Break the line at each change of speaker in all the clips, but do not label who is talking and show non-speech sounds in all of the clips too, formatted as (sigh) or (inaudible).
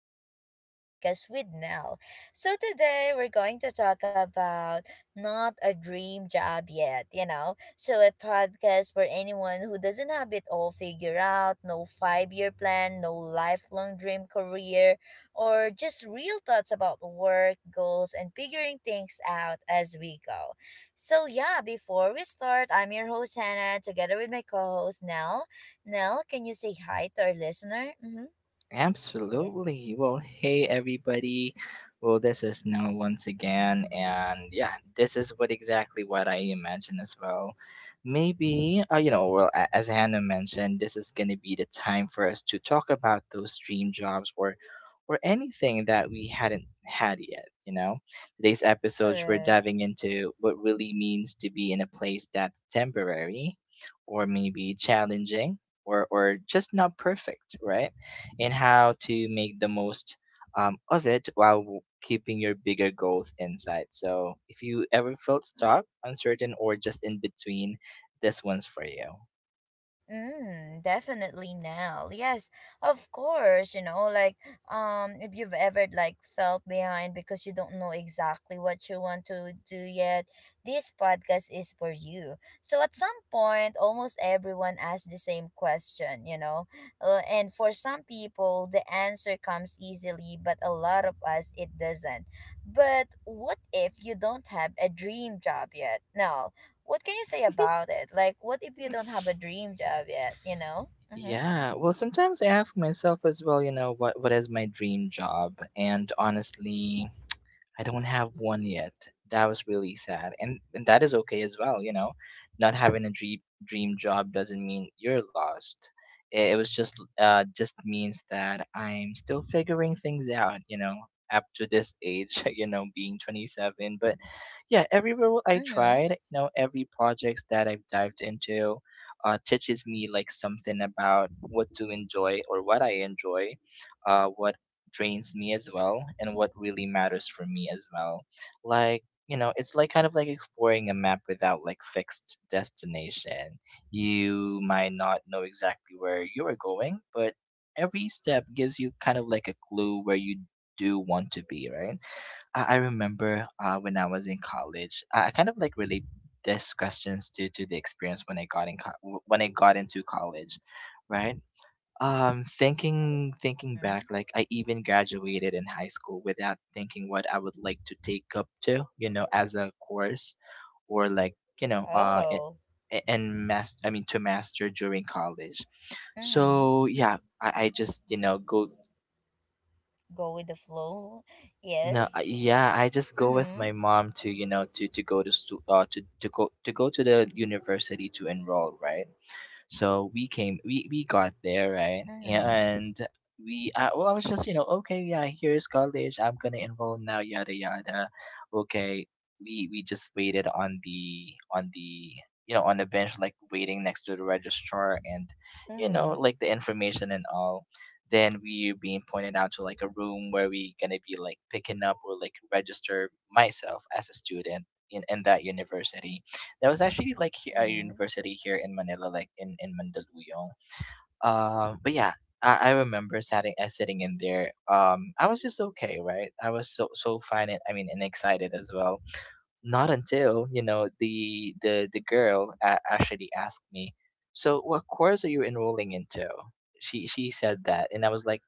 back to another podcast with Nell. So today we're going to talk about not a dream job yet, So a podcast for anyone who doesn't have it all figured out, no five-year plan, no lifelong dream career, or just real thoughts about work, goals, and figuring things out as we go. So yeah, before we start, I'm your host Hannah together with my co-host Nell. Nell, can you say hi to our listener? Mhm. Yeah.
Absolutely. Well, hey everybody. Well, this is Noah once again, and yeah, this is what exactly what I imagine as well. Maybe, as Hannah mentioned, this is gonna be the time for us to talk about those dream jobs, or anything that we hadn't had yet. You know, today's episodes we're
Correct.
diving into what really means to be in a place that's temporary, or maybe challenging, or just not perfect, right? And how to make the most of it while keeping your bigger goals in sight. So, if you ever felt stuck, uncertain, or just in between, this one's for you.
Mm, definitely now. Yes, of course, like if you've ever like felt behind because you don't know exactly what you want to do yet, this podcast is for you. So at some point, almost everyone asks the same question, you know. And for some people, the answer comes easily, but a lot of us it doesn't. But what if you don't have a dream job yet? No, what can you say about it? Like, what if you don't have a dream job yet? You know? Mm-hmm.
Yeah, well, sometimes I ask myself as well, you know, what is my dream job? And honestly, I don't have one yet. That was really sad. And that is okay as well, you know. Not having a dream job doesn't mean you're lost. It was just means that I'm still figuring things out, you know, up to this age, (laughs) you know, being 27. But yeah, every role I
Mm-hmm.
tried, you know, every projects that I've dived into teaches me like something about what to enjoy or what I enjoy, what drains me as well and what really matters for me as well, like you know, it's like kind of like exploring a map without like fixed destination. You might not know exactly where you are going, but every step gives you kind of like a clue where you do want to be, right? I remember when I was in college, I kind of like relate these questions to the experience when I got in co- when I got into college, right? Thinking back,
Mm-hmm.
like I even graduated in high school without thinking what I would like to take up to, you know, as a course, or like you know,
Oh.
I mean to master during college.
Mm-hmm.
So yeah, I just you know go
Go with the flow. (laughs)
no I-
Yes.
yeah I just go with
Mm-hmm.
my mom to you know to go to stu- to go to go to the university to enroll, right. So we came, we got there, right?
Mm-hmm.
And well, I was just, you know, okay, yeah, here's college. I'm gonna enroll now, yada yada. Okay, we just waited on the you know on the bench, like waiting next to the registrar, and you know,
Mm-hmm.
like the information and all. Then we being pointed out to like a room where we gonna be like picking up or like register myself as a student in, that university, that was actually like a
Mm-hmm.
university here in Manila, like in Mandaluyong. But yeah, I remember sitting in there. I was just okay, right? I was so fine. And, I mean, and excited as well. Not until you know the girl actually asked me, "So, what course are you enrolling into?" She said that, and I was like,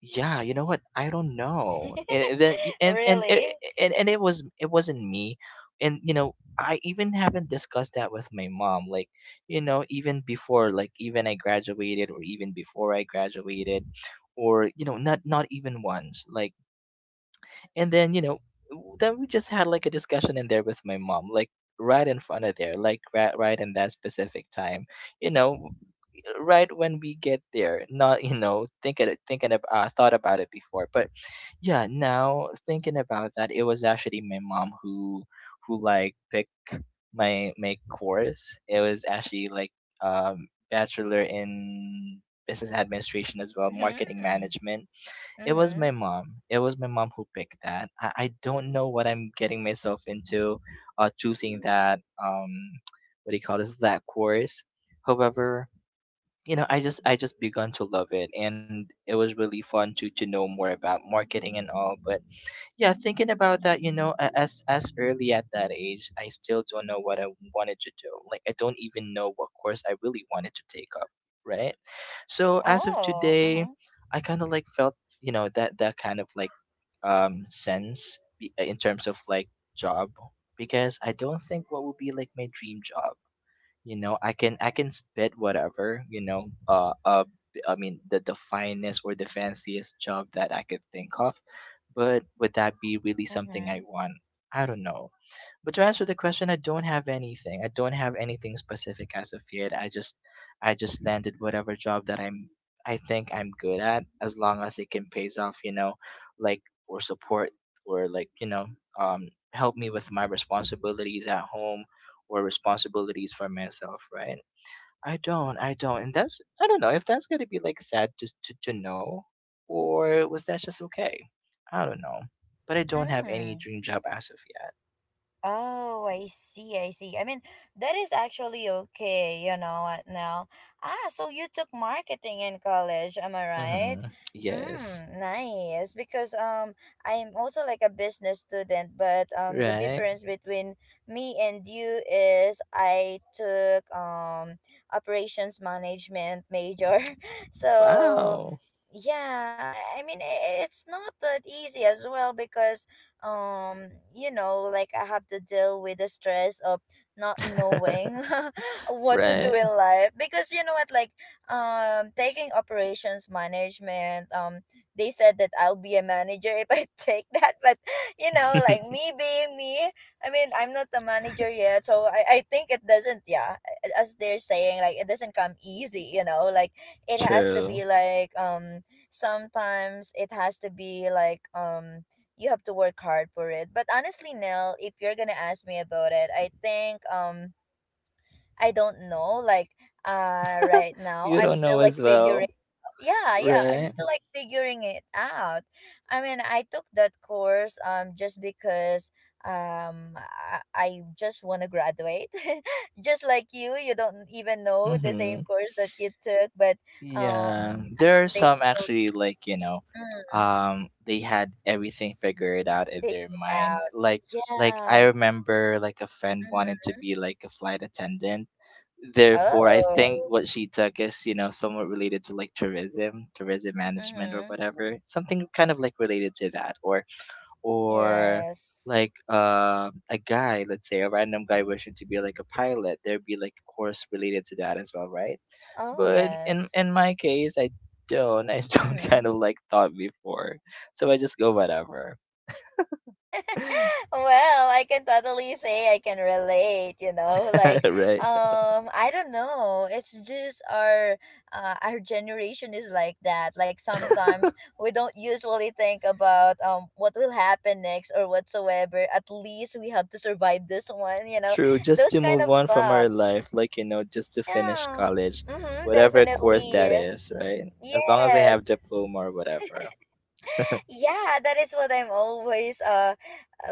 yeah you know what, I don't know.
(laughs)
And and it-
Really?
and, it was, it wasn't me. And you know I even haven't discussed that with my mom, like you know even before, like even I graduated or even before I graduated, or you know not even once, like. And then you know, then we just had like a discussion in there with my mom, like right in front of there, like right in that specific time, you know, right when we get there. Not you know thinking about, thought about it before, but yeah, now thinking about that, it was actually my mom who like picked my course. It was actually like bachelor in business administration as well, marketing
Mm-hmm.
management.
Mm-hmm.
It was my mom who picked that. I don't know what I'm getting myself into, uh, choosing that, um, what do you call this, that course. However, you know I just begun to love it, and it was really fun to know more about marketing and all. But yeah, thinking about that, you know, as early at that age, I still don't know what I wanted to do. Like I don't even know what course I really wanted to take up, right? So as of
Oh.
today,
Mm-hmm.
I kind of like felt, you know, that, that kind of like sense in terms of like job, because I don't think what would be like my dream job. You know, I can spit whatever, you know, I mean the finest or the fanciest job that I could think of. But would that be really something
Mm-hmm.
I want? I don't know. But to answer the question, I don't have anything. I don't have anything specific as of yet. I just landed whatever job that I think I'm good at, as long as it can pays off, you know, like, or support, or like, you know, um, help me with my responsibilities at home, or responsibilities for myself, right? I don't. And that's, I don't know if that's gonna be like sad to to know, or was that just okay? I don't know. But I don't have any
Mm.
dream job as of yet.
Oh, I see, I see. I mean, that is actually okay, you know what now? Ah, so you took marketing in college, am I right?
Mm-hmm. Yes.
Mm, nice. Because I'm also like a business student, but the
Right.
difference between me and you is I took operations management major. (laughs) So
Wow.
yeah, it's not that easy as well because um you know like I have to deal with the stress of not
(laughs)
knowing (laughs) what to do in
Right.
life because you know what like taking operations management they said that I'll be a manager if I (laughs) take that but you know like
(laughs)
me being me I'm not the manager yet so I think it doesn't yeah as they're saying like it doesn't come easy you know like it has to
True.
be like sometimes it has to be like you have to work hard for it. But honestly, Nell, if you're gonna ask me about it, I think I don't know. Like right
(laughs)
now
You
I'm
don't know
still
as
like
well.
figuring yeah, yeah, I'm
Right.
still like figuring it out. I mean I took that course just because I just wanna graduate. (laughs) Just like you don't even know the same
Mm-hmm.
course that you took, but
Yeah.
I
There are
mean basically
some actually, like, you know,
mm,
they had everything figured out in
figure it
their mind.
out.
Like I
Yeah.
remember like a friend
Mm-hmm.
wanted to be like a flight attendant. Therefore, I think
Oh.
what she took is, you know, somewhat related to like tourism, management or
Mm-hmm.
whatever. Something kind of like related to that, or
Yes.
like, a guy, let's say a random guy wishing to be like a pilot, there'd be like a course related to that as well, right?
Oh,
But in
yes.
my case, I don't. I (laughs) don't
Mm-hmm.
kind of like thought before. So I just go whatever.
(laughs)
(laughs)
Well, I can totally say I can relate, you know, like
Right?
I don't know. It's just our generation is like that. Like sometimes we don't usually think about what will happen next or whatsoever. At least we have to survive this one, you know.
True, just
Those
to
kind
move
of
on from our
stops.
life, like, you know, just to finish
Yeah.
college,
Mhm,
whatever course that
definitely.
is, right? As long as they
Yes.
have diploma or whatever.
Yeah, that is what I'm always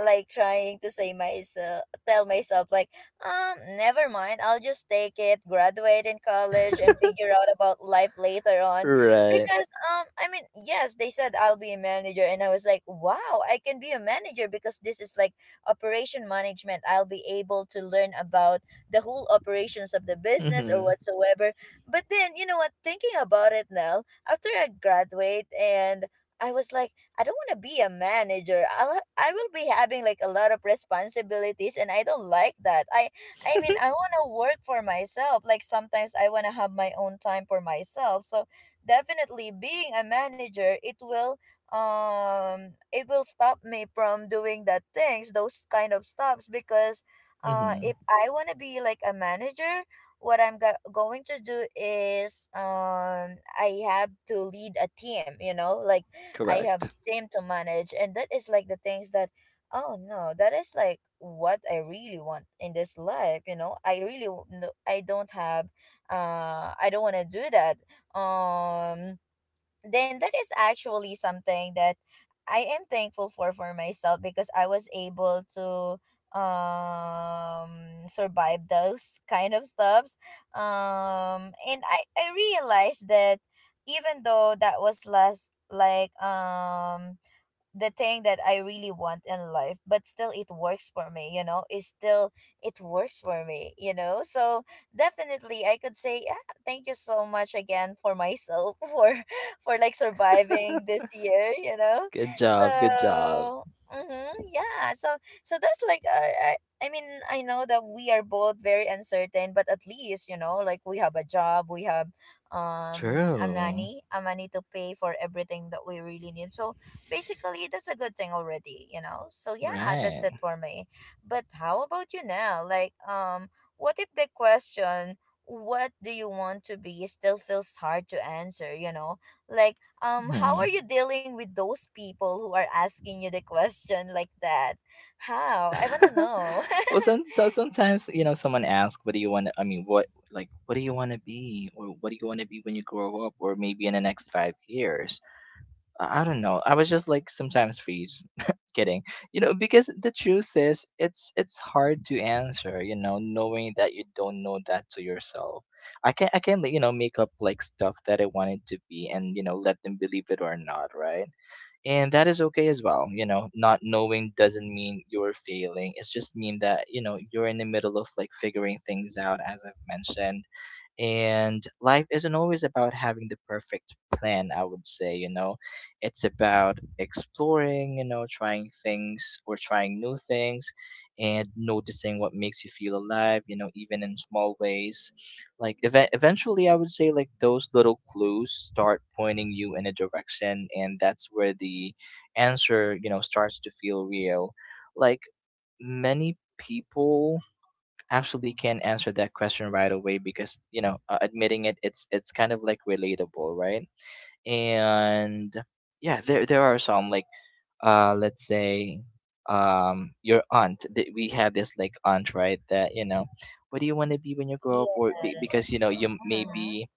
like trying to say myself tell myself like never mind, I'll just take it, graduate in college and figure out about life later on
Right.
because I mean yes they said I'll be a manager and I was like wow I can be a manager because this is like operation management, I'll be able to learn about the whole operations of the business or
Mm-hmm.
whatsoever. But then you know what, thinking about it now, after I graduate, and I was like, I don't want to be a manager. I will be having like a lot of responsibilities and I don't like that. I mean,
(laughs)
I want to work for myself. Like sometimes I want to have my own time for myself. So definitely being a manager, it will stop me from doing that things, those kind of stops because
Mm-hmm.
if I want to be like a manager, what I'm going to do is I have to lead a team, you know? Like I have
Correct.
team to manage and that is like the things that oh no, that is like what I really want in this life you know no, I don't have I don't want to do that. um then that is actually something that I am thankful for myself because I was able to survive those (laughs) kind of stuffs. And I realized that even though that was last like the thing that I really want in life, but still it works for me, you know? It's still, it works for me, you know? So definitely I could say, yeah, thank you so much again for myself (laughs) for like surviving this year, you know?
Good
So,
job. Good job.
mm-hmm, yeah. So, so that's like, I mean, I know that we are both very uncertain, but at least, you know, like we have a job, we have um a
True.
money, a money to pay for everything that we really need. So basically that's a good thing already, you know. So yeah, that's it
Right.
for me. But how about you now, like what if the question what do you want to be still feels hard to answer, you know? Like how are
Hmm.
you dealing with those people who are asking you the question like that? How, I want to know.
(laughs) Well, so sometimes you know someone asks, "What do you want to? I mean, what, like what do you want to be, or what do you want to be when you grow up, or maybe in the next 5 years?" I don't know. I was just like sometimes freeze. (laughs) Kidding. You know, because the truth is it's hard to answer, you know, knowing that you don't know that to yourself. I can, like, you know, make up like stuff that I want it to be and, you know, let them believe it or not, right? And that is okay as well. You know, not knowing doesn't mean you're failing. It's just mean that, you know, you're in the middle of like figuring things out, as I've mentioned. And life isn't always about having the perfect plan, I would say, you know. It's about exploring, you know, trying things or trying new things, and noticing what makes you feel alive, you know, even in small ways. Like, eventually I would say like those little clues start pointing you in a direction, and that's where the answer, you know, starts to feel real. Like, many people actually can answer that question right away, because you know, admitting it, it's kind of like relatable, right? And yeah, there are some like, uh, let's say, um, your aunt, that we have this like aunt, right, that you know, what do you want to be when you
(laughs)
grow up, or
Yes.
because you know you maybe,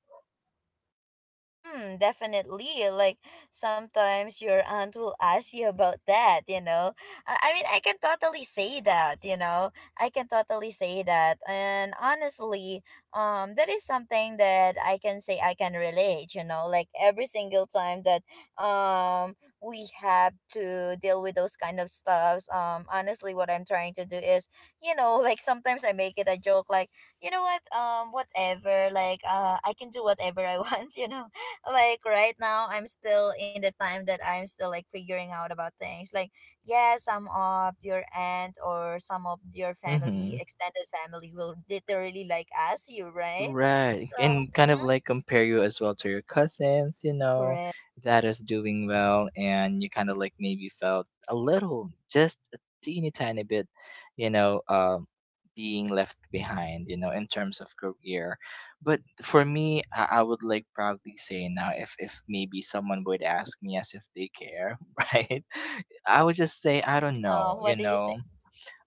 Mm, definitely. Like sometimes your aunt will ask you about that, you know. I mean, I can totally say that, you know. I can totally say that. And honestly, that is something that I can say I can relate, you know. Like every single time that um we have to deal with those kind of stuffs, honestly what I'm trying to do is, you know, like sometimes I make it a joke like, you know what? Whatever, like I can do whatever I want, (laughs) you know. Like right now I'm still in the time that I'm still like figuring out about things. Like yeah, some of your aunt or some of your family,
mm-hmm.
extended family, will literally like ask you, right?
Right.
So
And kind of
mhm,
like compare you as well to your cousins, you know,
correct.
that is doing well. And you kind of like maybe felt a little, just a teeny tiny bit, you know, being left behind, you know, in terms of career. But for me, I would like proudly say now, if maybe someone would ask me as if they care, (laughs) right? I would just say, I don't know,
What
you
do you say?
know,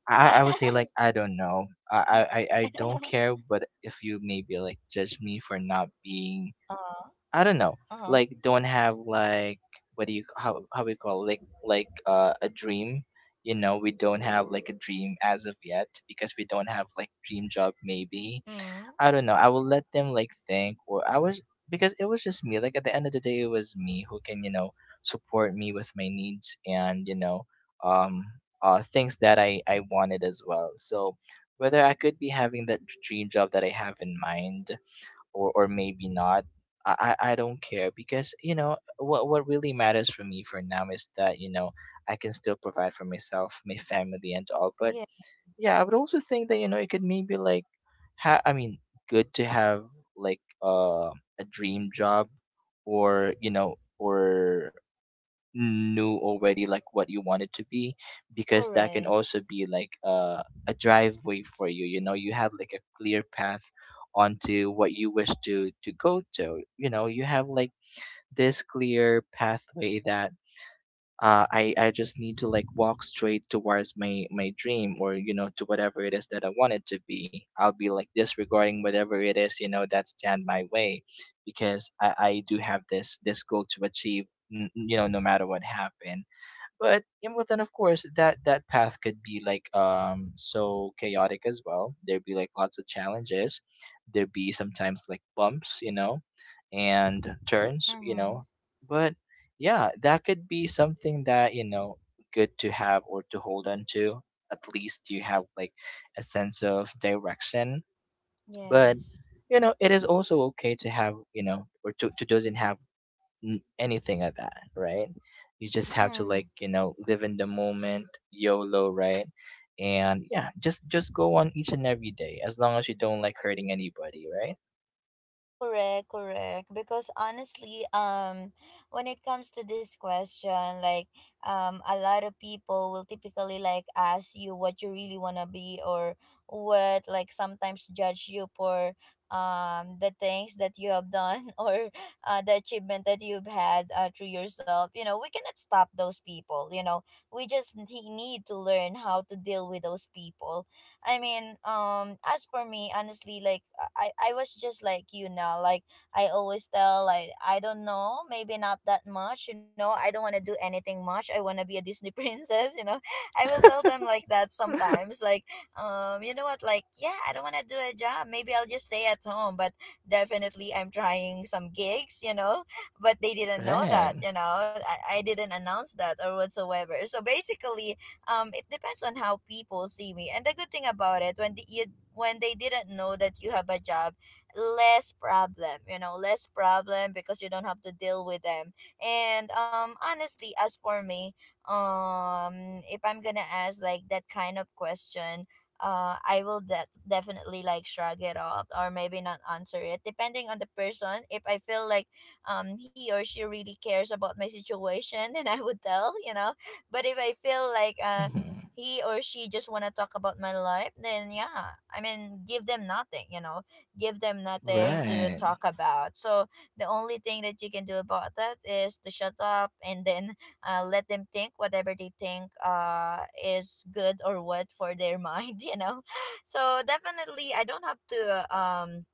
(laughs)
I would say like I don't know. I, I I don't care. But if you maybe like judge me for not being,
uh,
I don't know,
uh,
like don't have like, what do you, how we call it? Like a dream. You know, we don't have like a dream as of yet because we don't have like dream job maybe,
mm,
I don't know. I will let them like think, or I was, because it was just me. Like at the end of the day, it was me who can support me with my needs and um things that I wanted as well. So whether I could be having that dream job that I have in mind, or maybe not. I don't care because you know what really matters for me for now is that you know I can still provide for myself, my family, and all. But
yeah,
yeah, I would also think that you know it could maybe like, I mean, good to have like a dream job, or you know, or knew already like what you want it to be, because that can
correct.
also be like a driveway for you. You know, you have like a clear path onto what you wish to go to. You know, you have like this clear pathway that I just need to like walk straight towards my dream or you know to whatever it is that I want it to be. I'll be like disregarding whatever it is you know that stand my way, because I do have this goal to achieve. You know, no matter what happen but yeah, but then of course that path could be like so chaotic as well. There'd be like lots of challenges. There'd be sometimes like bumps, you know, and turns, you
Mm-hmm.
know. But yeah, that could be something that, you know, good to have or to hold on to. At least you have like a sense of direction. But
Yes.
you know, it is also okay to have, you know, or to doesn't have anything of that, right? You just have to
Mm.
like, you know, live in the moment, YOLO, right? And yeah, just go on each and every day as long as you don't like hurting anybody, right?
Correct, correct. Because honestly, when it comes to this question, like, a lot of people will typically like ask you what you really wanna be or what, like sometimes judge you for the things that you have done (laughs) or the achievement that you've had through yourself. You know, we cannot stop those people. You know, we need to learn how to deal with those people. I mean, as for me, honestly, like I was just like you now. Like I always tell, like I don't know, maybe not that much. You know, I don't want to do anything much. I want to be a Disney (laughs) princess. You know, I will tell them like that sometimes. Like, you know what? Like, yeah, I don't want to do a job. Maybe I'll just stay at home. But definitely, I'm trying some gigs. You know, but they didn't know that.
Right.
You know, I didn't announce that or whatsoever. So basically, it depends on how people see me. And the good thing about it, when they didn't know that you have a job, less problem, you know, less problem because you don't have to deal with them. And honestly, as for me, if I'm gonna ask like that kind of question, definitely like shrug it off or maybe not answer it, depending on the person. If I feel like he or she really cares about my situation, (laughs) then I would tell, you know. (laughs) But if I feel like
Mm-hmm.
he or she just want to talk about my life, then yeah, I mean, give them nothing, you know, give them nothing to
Right.
talk about. So the only thing that you can do about that is to shut up and then let them think whatever they think is good or what for their mind, (laughs) you know. So definitely, I don't have to uh, um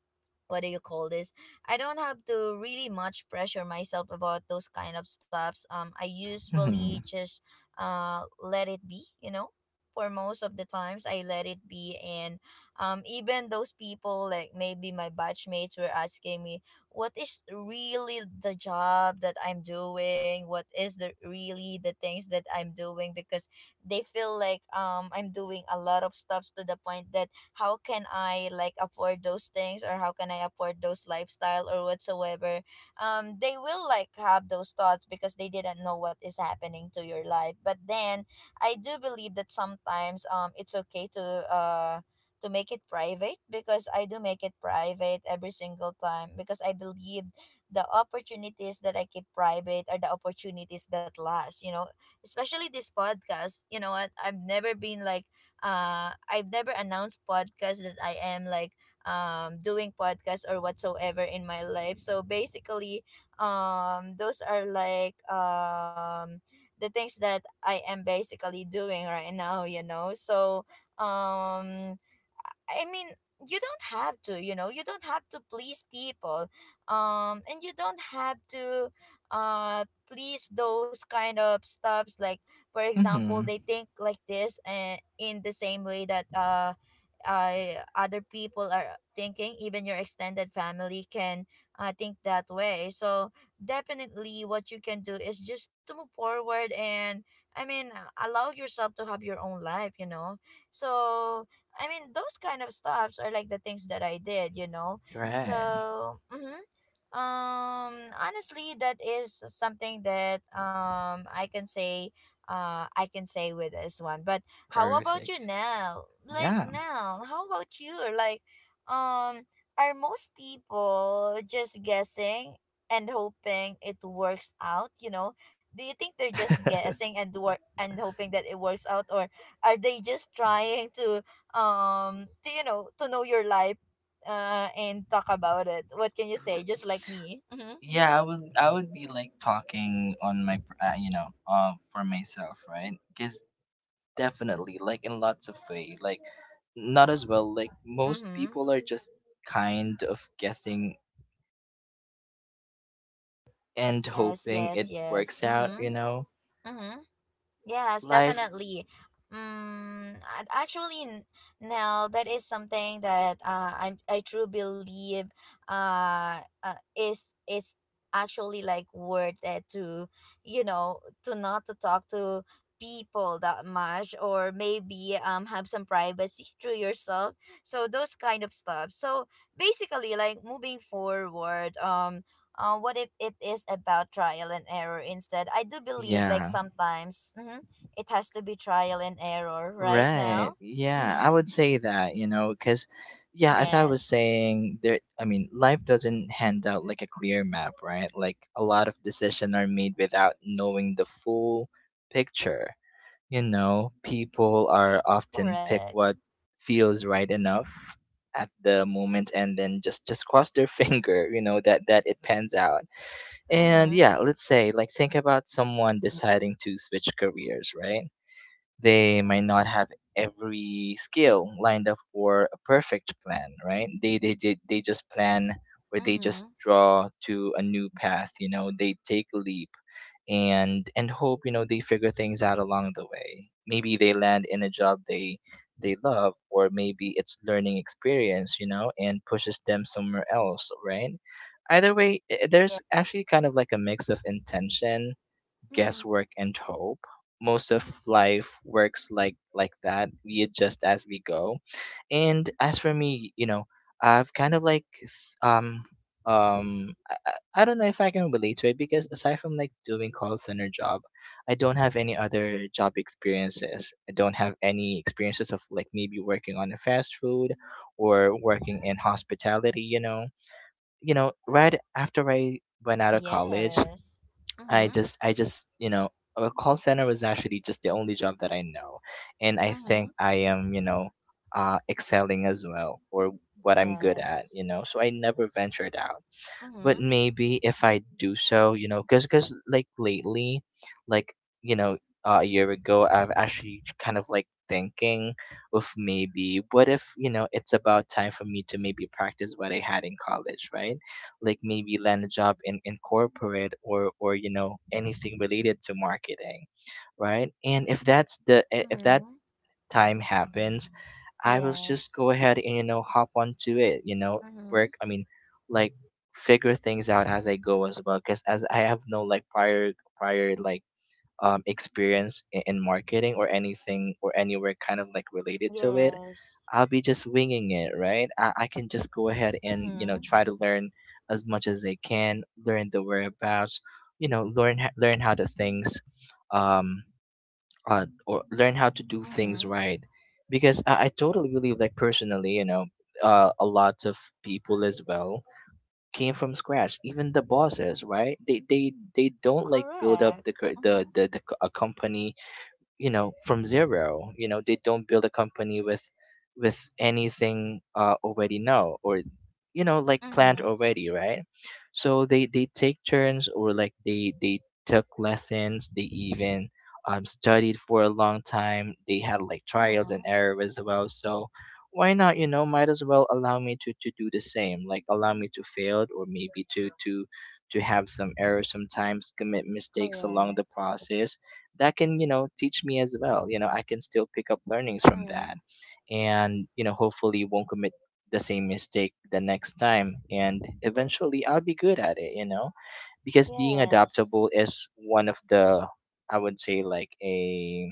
what do you call this? I don't have to really much pressure myself about those kind of stuffs. I usually
Mm-hmm.
just let it be. For most of the times I let it be. And even those people like maybe my batchmates were asking me what is really the job that I'm doing, what is the really the things that I'm doing, because they feel like I'm doing a lot of stuffs to the point that how can I like afford those things, or how can I afford those lifestyle or whatsoever. They will like have those thoughts because they didn't know what is happening to your life. But then I do believe that sometimes it's okay to to make it private, because I do make it private every single time, because I believe the opportunities that I keep private are the opportunities that last, you know, especially this podcast. You know what? I've never been like I've never announced podcast that I am like doing podcast or whatsoever in my life. So basically those are like the things that I am basically doing right now, you know. So um I mean, you don't have to, you know, you don't have to please people. And you don't have to uh please those kind of stuffs, like for example,
Mm-hmm.
they think like this. And in the same way that I, other people are thinking, even your extended family can think that way. So definitely what you can do is just to move forward and, I mean, allow yourself to have your own life, you know. So, I mean, those kind of stops are like the things that I did, you know.
Right.
So, mm-hmm. um, Honestly, that is something that I can say with this one. But how about you
Perfect.
now? Like
Yeah.
now, how about you? Like, um, are most people just guessing and hoping it works out, you know? Do you think they're just
(laughs) R-
guessing and work and hoping that it works out, or are they just trying to you know, to know your life and talk about it? What can you say? Just like me. Mm-hmm.
yeah, I would be like talking on my you know, for myself, right? Cuz definitely, like in lots of way, like not as well. Like most
Mm-hmm.
people are just kind of guessing and
Yes,
hoping it
yes,
works
yes,
out.
mm-hmm.
You know,
Mm-hmm. Yes,
life.
definitely. Mm, now that is something that I truly believe is actually like worth it to, you know, to not to talk to people that much, or maybe have some privacy (laughs) through yourself. So those kind of stuff. So basically, like moving forward, what if it is about trial and error instead? I do believe like
Yeah,
sometimes, mm-hmm, it has to be trial and error right now.
right. Yeah, I
Mm-hmm.
would say that. You know, because yeah, as I was
Yes.
saying, there. I mean, life doesn't hand out like a clear map, right? Like a lot of decisions are made without knowing the full picture. You know, people are often pick
Correct.
what feels right enough at the moment and then just cross their (laughs) finger, you know, that it pans out. And
Mm-hmm.
yeah, let's say like think about someone deciding to switch careers, right? They might not have every skill lined up for a perfect plan, right? They just plan or they just
Mm-hmm.
draw to a new path, you know, they take a leap and hope you know they figure things out along the way. Maybe they land in a job they love, or maybe it's learning experience, you know, and pushes them somewhere else, right? Either way, there's
Yeah.
actually kind of like a mix of intention,
Mm-hmm.
guesswork and hope. Most of life works like that. We adjust as we go. And as for me, you know, I've kind of like I don't know if I can relate to it because aside from like doing call center job, I don't have any other job experiences. I don't have any experiences of like maybe working on a fast food or working in hospitality, you know. You know, right after I went out of college,
Yes.
I
Mm-hmm.
just I just you know a call center was actually just the only job that I know, and I
Mm-hmm.
think I am you know excelling as well or what I'm good at,
Yes.
you know, so I never ventured out. But
Mm-hmm.
maybe if I do so, you know, because like lately, like you know, a year ago, I've actually kind of like thinking of maybe what if you know it's about time for me to maybe practice what I had in college, right? Like maybe land a job in corporate or you know anything related to marketing, right? And if that's the if that
Mm-hmm.
time happens, I was just
Yes.
go ahead and you know hop onto it, you know,
Mm-hmm.
work. I mean, like figure things out as I go as well, because as I have no like prior like experience in marketing or anything or anywhere kind of like related to it.
Yes.
I'll be just winging it, right? I can just go ahead and you know
Mm-hmm.
try to learn as much as I can, learn the whereabouts, you know, learn learn how the things um or learn how to do things
Mm-hmm.
right because I totally believe like personally you know a lot of people as well came from scratch. Even the bosses, right? They don't like build up
Correct.
the
Mm-hmm.
a company you know from zero. You know, they don't build a company with anything already know or you know like planned
Mm-hmm.
already, right? So they take turns, or like they took lessons. They even studied for a long time. They had like trials
Mm-hmm.
and error as well. So why not, you know, might as well allow me to do the same, like allow me to fail or maybe to have some errors, sometimes commit mistakes along
Correct.
the process that can you know teach me as well. You know, I can still pick up learnings from
Mm-hmm.
that and you know hopefully won't commit the same mistake the next time, and eventually I'll be good at it, you know, because being
Yes.
adaptable is one of the I would say like a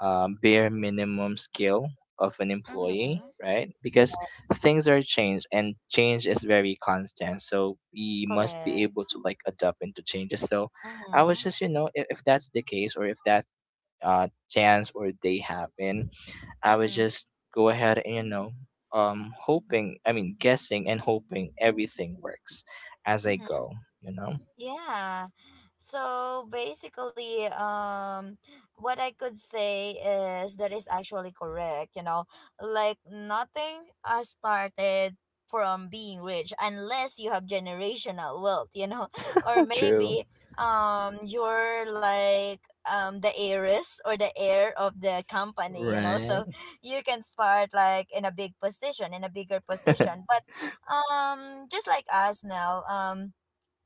bare minimum skill of an employee,
Mhm.
right? Because
Yeah,
things are changed and change is very constant, so we must be able
correct.
to like adapt into changes. So I was
Mhm.
just you know if that's the case or if that chance or they happen, I would
Mhm.
just go ahead and you know, hoping. I mean, guessing and hoping everything works as I
Mhm.
go. You know,
Yeah. So basically, what I could say is that is actually correct. You know, like nothing started from being rich, unless you have generational wealth. You know, (laughs) or
(laughs) true,
maybe you're like the heiress or the heir of the company. You know,
right?
so you can start like in a big position, in a bigger position. But just like us now,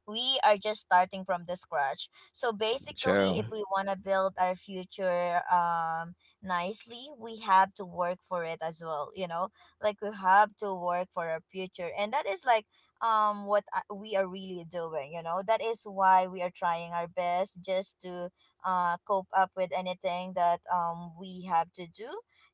we are just starting from the scratch. So
(laughs)
basically, if
True.
we want to build our future nicely, we have to work for it as well, you know? Like we have to work for our future. And that is like what I- we are really doing, you know? That is why we are trying our best just to cope up with anything that we have to do.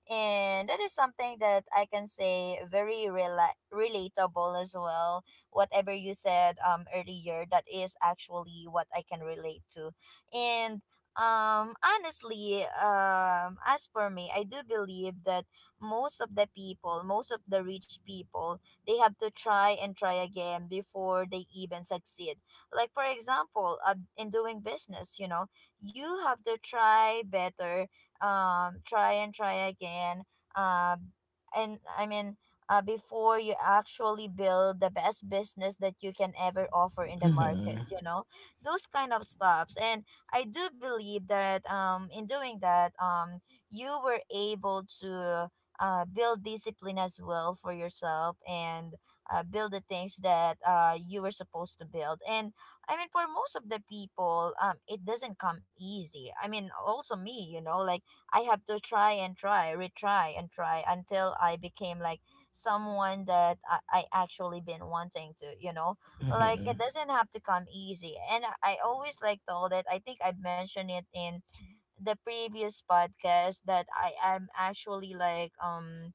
And that is something that I can say very relatable as well. Whatever you said earlier, that is actually what I can relate to. And honestly, as for me, I do believe that most of the people, most of the rich people, they have to try and try again before they even succeed. Like for example, in doing business, you know, you have to try better, try and try again, um and, I mean, before you actually build the best business that you can ever offer in the market,
Hmm.
you know, those kind of stops. And I do believe that in doing that, you were able to build discipline as well for yourself, and build the things that you were supposed to build. And, I mean, for most of the people, it doesn't come easy. I mean, also me, you know, like I have to try and try, retry and try until I became like someone that I actually been wanting to, you know? Like
Hmm.
it doesn't have to come easy. And I always like told it, I think I've mentioned it in the previous podcast, that I am actually like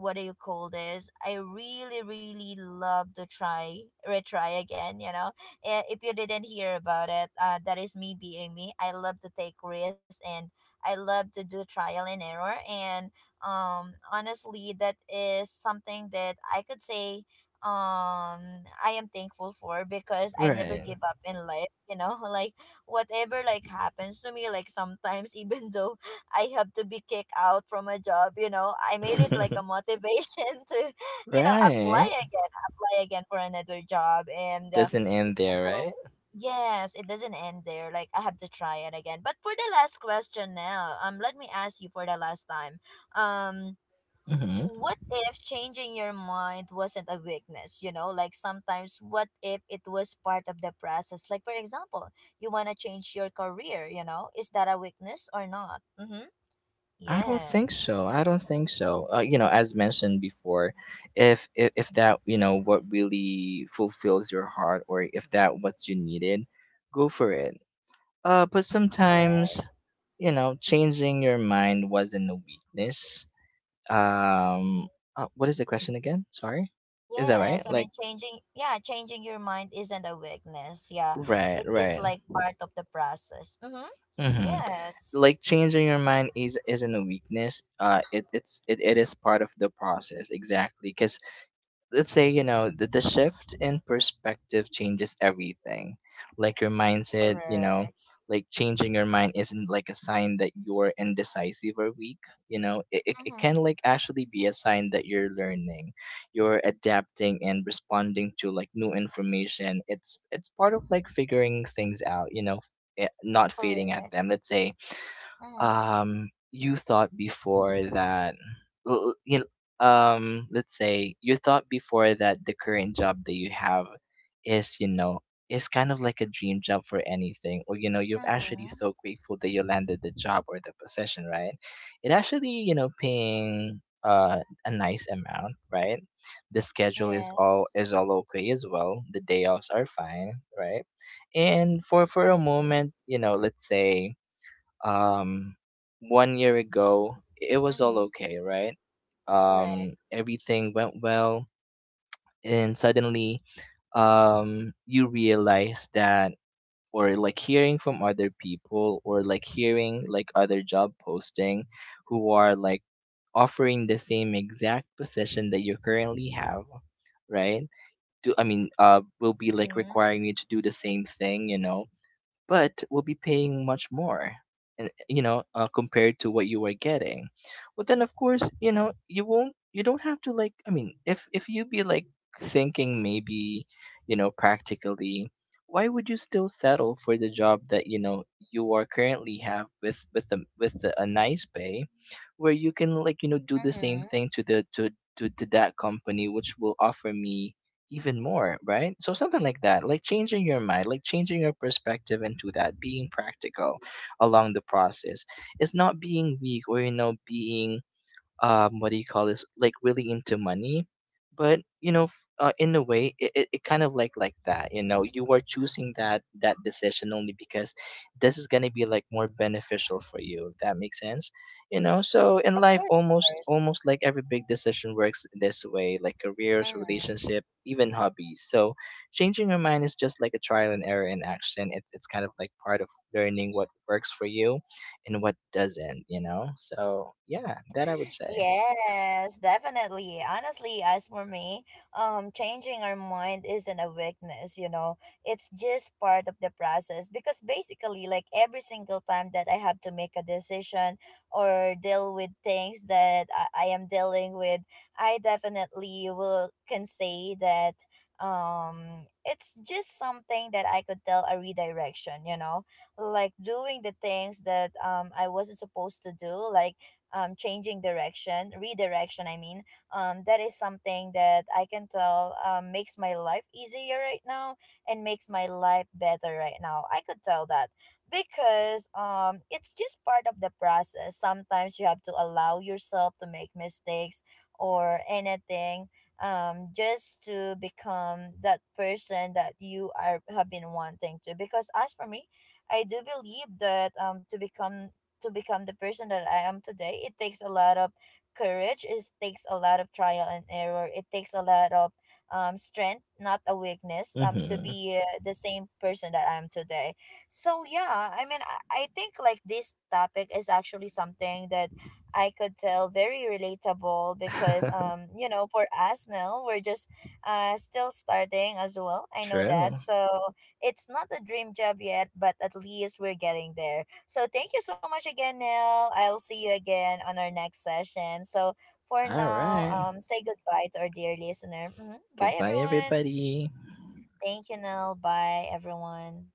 what do you call this? I really, really love to try, retry again, you know. Eh, if you didn't hear about it, that is me being me. I love to take risks, and I love to do trial and error. And honestly, that is something that I could say I am thankful for, because I never
Right.
give up in life, you know, (laughs) like whatever like happens to me, like sometimes (laughs) even though I have to be kicked out from a job, you know, I made it like a
(laughs)
motivation (laughs) to, you know, apply
right.
again, apply again for another job. And
Doesn't end
even
there,
though,
right?
yes, it doesn't end there, like I have to try it again. But for the last question now, let me ask you for the last time. um
Hmm.
what if changing your mind wasn't a weakness, you know? Like sometimes, what if it was part of the process? Like for example, you want to change your career, you know, is that a weakness or not? Mm-hmm.
I don't think
Yes.
so. I don't think so. You know, as mentioned before, if that you know what really fulfills your heart, or if that what you needed, go for it. But
Correct.
sometimes you know, changing your mind wasn't a weakness. Um, what is the question again? Sorry, is that
Yes,
right?
I mean,
Like,
changing, yeah, changing your mind isn't a weakness. Yeah,
right,
it is
right.
like part of the process. Mm-hmm.
Mm-hmm.
Yes.
Like changing your mind is isn't a weakness. It is part of the process exactly. Because, let's say you know the shift in perspective changes everything, like your mindset, you know,
Correct.
like changing your mind isn't like a sign that you're indecisive or weak. You know, it
Mm-hmm.
can like actually be a sign that you're learning. You're adapting and responding to like new information. It's part of like figuring things out, you know, eh, not fading at
Correct.
them, let's say.
Mm-hmm.
You thought before that you know, let's say you thought before that the current job that you have is you know is kind of like a dream job for anything, or you know you're actually
Mm-hmm.
so grateful that you landed the job or the position, right? It actually you know paying a nice amount, right? The schedule is all
Yes.
okay as well. The day offs are fine, right? And for a
Right.
moment you know let's say um one year ago it was all
Mm-hmm.
okay, right?
Correct.
Everything went well, and suddenly you realize that or like hearing from other people or like hearing like other job posting who are like offering the same exact position that you currently have, right? Do I mean will be like
Mhm,
requiring you to do the same thing, you know, but will be paying much more, and you know compared to what you are getting. But then of course you know you won't you don't have to like I mean if you be like thinking maybe you know practically, why would you still settle for the job that you know you are currently have with a nice pay, where you can like you know do the same
mhm.
thing to the to that company which will offer me even more, right? So something like that, like changing your mind, like changing your perspective into that, being practical along the process. It's not being weak or you know being what do you call this? Like really into money, but you know, in a way, it kind of like that. You know, you are choosing that decision only because this is gonna be like more beneficial for you. If that makes sense, you know. So in
Of
life,
course, of course.
almost like every big decision works this way, like careers,
Mhm.
relationship, even hobbies. So changing your mind is just like a trial and error in action. It's kind of like part of learning what works for you and what doesn't, you know? So, yeah,
(laughs)
that I would say.
Yes, definitely. Honestly, as for me, changing our mind isn't a weakness, you know. It's just part of the process, because basically, like every single time that I have to make a decision or deal with things that I am dealing with, I definitely will can say that it's just something that I could tell a redirection, you know. Like doing the things that I wasn't supposed to do, like changing direction, redirection, I mean, that is something that I can tell, makes my life easier right now, and makes my life better right now. I could tell that, because it's just part of the process. Sometimes you have to allow yourself to make mistakes or anything, just to become that person that you are have been wanting to. Because as for me, I do believe that to become the person that I am today, it takes a lot of courage. It takes a lot of trial and error. It takes a lot of strength, not a weakness, to
Hmm.
be the same person that I am today. So yeah, I mean, I think like this topic is actually something that I could tell very relatable, because
(laughs)
you know, for us now, we're just still starting as well. I know
True.
that. So it's not a dream job yet, but at least we're getting there. So thank you so much again, Nell. I'll see you again on our next session. So for
All
now,
right.
say goodbye to our dear listener. Hmm. Bye,
Goodbye,
everyone.
everybody.
Thank you, Nell. Bye, everyone.